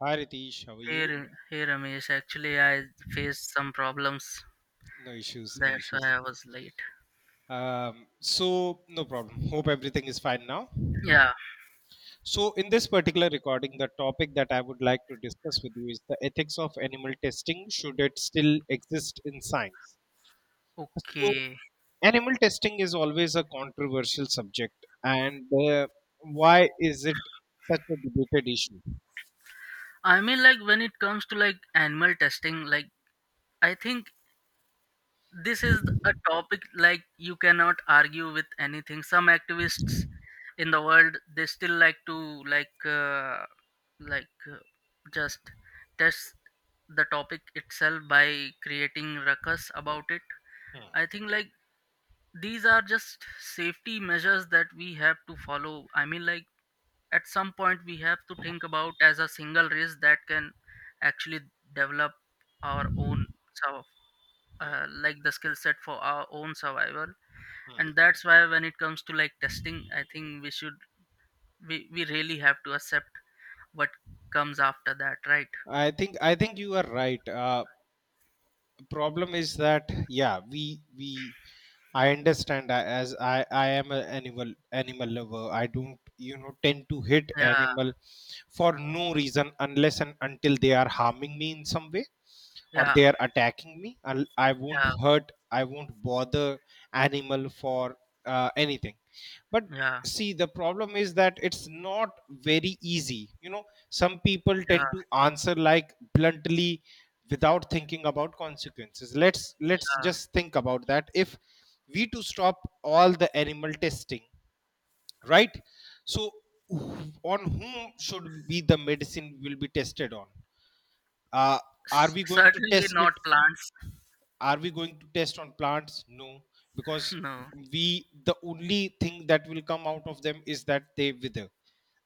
Hi Ritesh, how are Hey, you? R- hey Ramesh, actually I faced some problems. No issues, no That's why issues. I was late. So no problem. Hope everything is fine now. Yeah, So in this particular recording, the topic that I would like to discuss with you is the ethics of animal testing. Should it still exist in science? So okay. animal testing is always a controversial subject, and why is it such a debated issue? I mean, like when it comes to like animal testing, like I think this is a topic like you cannot argue with anything. Some activists in the world they still like to like like just test the topic itself by creating ruckus about it. I think like these are just safety measures that we have to follow, I mean like at some point we have to think about as a single race that can actually develop our own, so like the skill set for our own survival, and that's why when it comes to like testing I think we really have to accept what comes after that, right? I think you are right. Problem is that yeah, we as I am an animal lover. I don't, tend to hit Yeah. animal for no reason unless and until they are harming me in some way, or Yeah. they are attacking me. I won't Yeah. hurt, I won't bother animal for anything. But Yeah. see, the problem is that it's not very easy. You know, some people Yeah, tend to answer like bluntly without thinking about consequences. Let's yeah. just think about that. If we to stop all the animal testing, right? So wh- on whom should be the medicine will be tested on? uh, are S- we going to certainly test it not plants. are we going to test on plants? No, because No. we, the only thing that will come out of them is that they wither,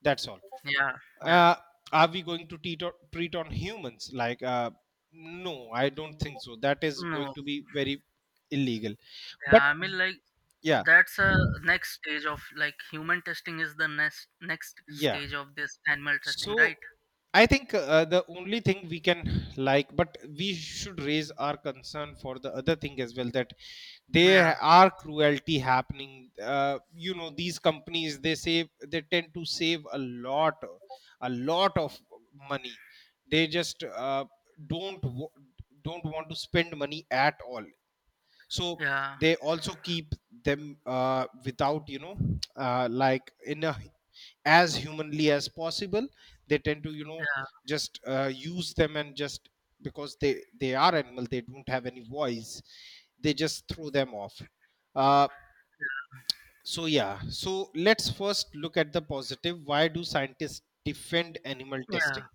that's all. Yeah. Yeah. Uh, are we going to treat on humans? Like, no, I don't think so. That is going No. to be very illegal. But Yeah, I mean like yeah, that's a next stage of like human testing, is the next yeah. stage of this animal testing, So right? I think the only thing we can like, but we should raise our concern for the other thing as well, that Yeah. there are cruelty happening. You know, these companies, they tend to save a lot of money. They just uh, don't wa- don't want to spend money at all. So Yeah. they also keep them, without like in a, as humanly as possible, they tend to, Yeah. just use them and just because they are animal, they don't have any voice, they just throw them off. Uh, so yeah, so let's first look at the positive. Why do scientists defend animal Yeah. testing?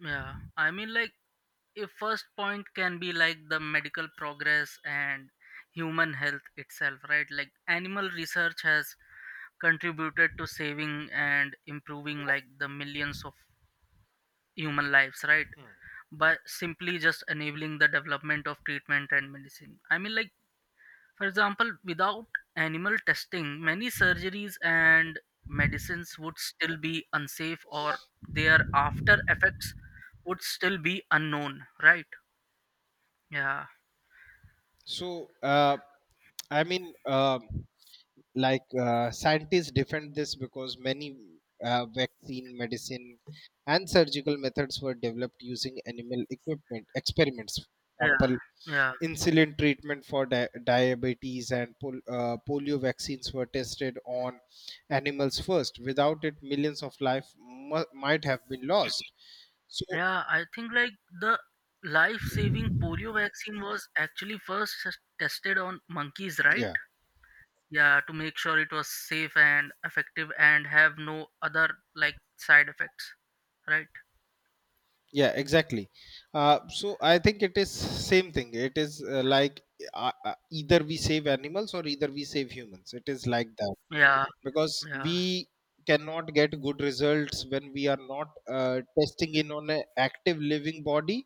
Yeah, I mean like if first point can be like the medical progress and human health itself, right? Like animal research has contributed to saving and improving like the millions of human lives, right? By simply just enabling the development of treatment and medicine, I mean like, for example, without animal testing, many surgeries and medicines would still be unsafe or their after effects would still be unknown, right? Yeah, So i mean um scientists defend this because many vaccine medicine and surgical methods were developed using animal equipment experiments. For yeah, example, yeah, insulin treatment for diabetes and polio vaccines were tested on animals first. Without it, millions of life might have been lost. So yeah. I think like the life saving polio vaccine was actually first tested on monkeys, right? yeah, Yeah, to make sure it was safe and effective and have no other like side effects, right? yeah, exactly. So I think it is same thing. It is either we save animals or either we save humans. It is like that, Yeah, because yeah, we cannot get good results when we are not testing in on an active living body.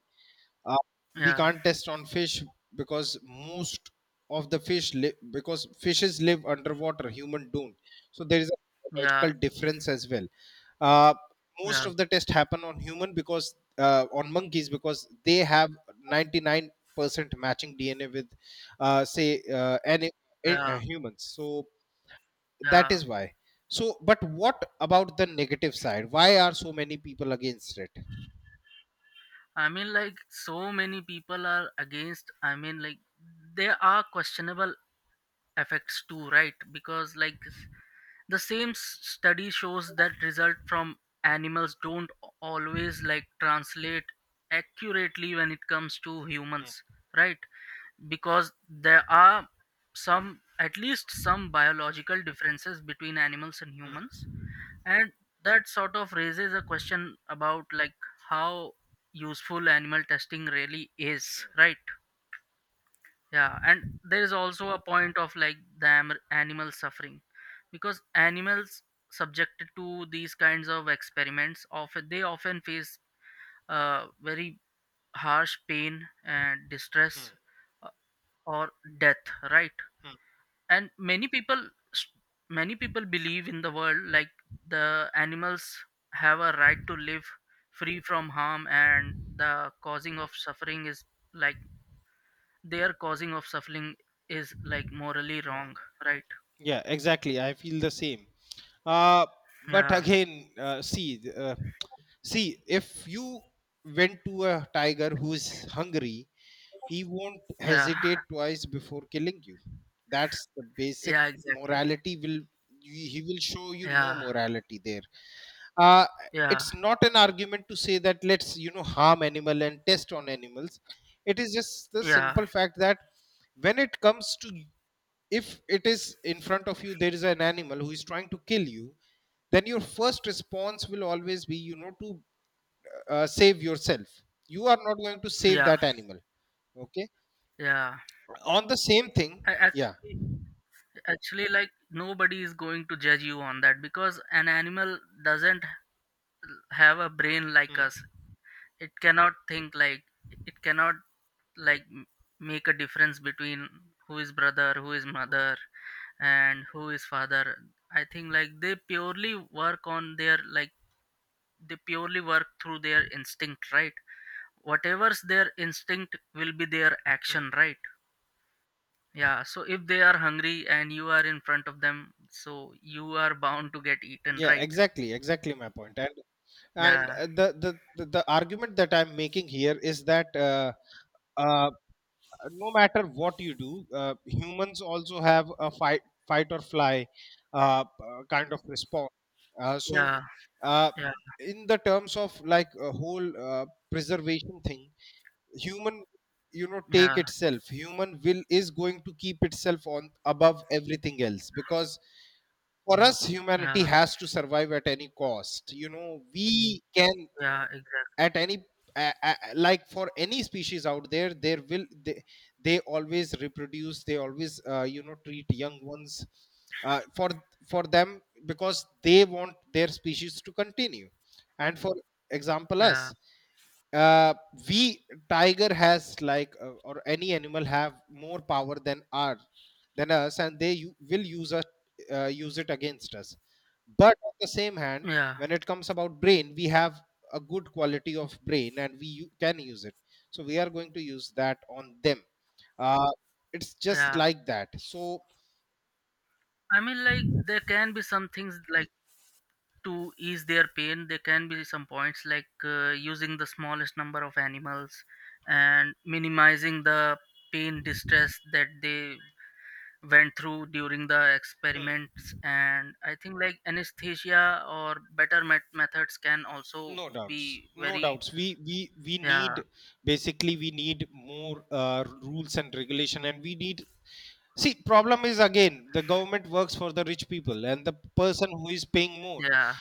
uh, we yeah, can't test on fish because most of the fish live because fishes live underwater, human don't, so there is a yeah, logical difference as well. uh, Most yeah. of the tests happen on human because on monkeys because they have 99% matching DNA with say any Yeah, humans. So that yeah. is why. So but what about the negative side? Why are so many people against it? I mean, like, so many people are against. I mean, like, there are questionable effects too, right? Because, like, the same study shows that result from animals don't always, like, translate accurately when it comes to Hmm, humans, right? Because there are some, at least some biological differences between animals and hmm, humans. And that sort of raises a question about like how useful animal testing really is, right? Yeah, and there is also a point of like the animal suffering, because animals subjected to these kinds of experiments often, they often face very harsh pain and hmm. distress, uh, or death, right? Hmm. And many people believe in the world like the animals have a right to live free from harm, and like their causing of suffering is like morally wrong, right? Yeah, exactly. I feel the same. Uh, but Yeah. again, see, if you went to a tiger who's hungry, he won't Yeah. hesitate twice before killing you. That's the basic Yeah, exactly. morality. Will he will show you no Yeah. morality there? uh, Yeah. it's not an argument to say that let's, harm animal and test on animals. It is just the Yeah. simple fact that when it comes to, if it is in front of you, there is an animal who is trying to kill you, then your first response will always be, to save yourself. You are not going to save Yeah. that animal, okay? Yeah. On the same thing, I yeah. actually like nobody is going to judge you on that, because an animal doesn't have a brain like us. Hmm, It cannot think, like it cannot like make a difference between who is brother, who is mother, and who is father. I think like work on their like they purely work through their instinct, right? Whatever's their instinct will be their hmm. action, right? Yeah, so if they are hungry and you are in front of them, so you are bound to get eaten, Yeah, right? exactly, exactly my point. And Yeah. The argument that I'm making here is that uh, no matter what you do, humans also have a fight or fly, kind of response. uh, so Yeah. uh, Yeah. in the terms of like a whole, preservation thing, human, you know, Yeah. take itself human will is going to keep itself on above everything else, because for us humanity Yeah. has to survive at any cost. You know, we can, Yeah, exactly. at any, like for any species out there, there will they always reproduce, they always, you know, treat young ones, uh, for for them because they want their species to continue. And for example Yeah. us, uh we, tiger has like, or any animal have more power than our, than us, and they will use us, use it against us. But on the same hand, Yeah. when it comes about brain, we have a good quality of brain and we can use it, so we are going to use that on them. uh it's just Yeah. like that. So I mean, like there can be some things like to ease their pain. There can be some points like using the smallest number of animals and minimizing the pain distress that they went through during the experiments. And I think like anesthesia or better methods can also no doubts, be no very. doubts, we need, Yeah. basically we need more rules and regulation, and we need, see, problem is again the government works for the rich people and the person who is paying more. Yeah.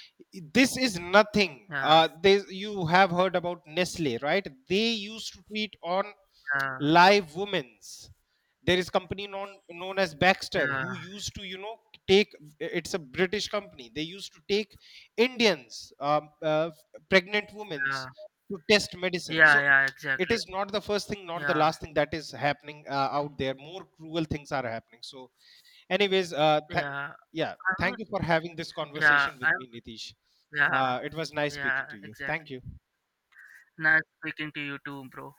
This is nothing. Yeah. They you have heard about Nestle, right? They used to treat on Yeah. live women's. There is company known as Baxter, Yeah. who used to, you know, take, it's a British company, they used to take Indians, pregnant women's, Yeah. to test medicine. So Yeah. Yeah, it exactly. is not the first thing, not the Yeah. last thing that is happening out there. More cruel things are happening. So anyways, Yeah. yeah, I thank mean, you for having this yeah, conversation with I me, Nitish. yeah. It was nice Yeah, speaking to you. Thank exactly. you. Nice speaking to you too, bro.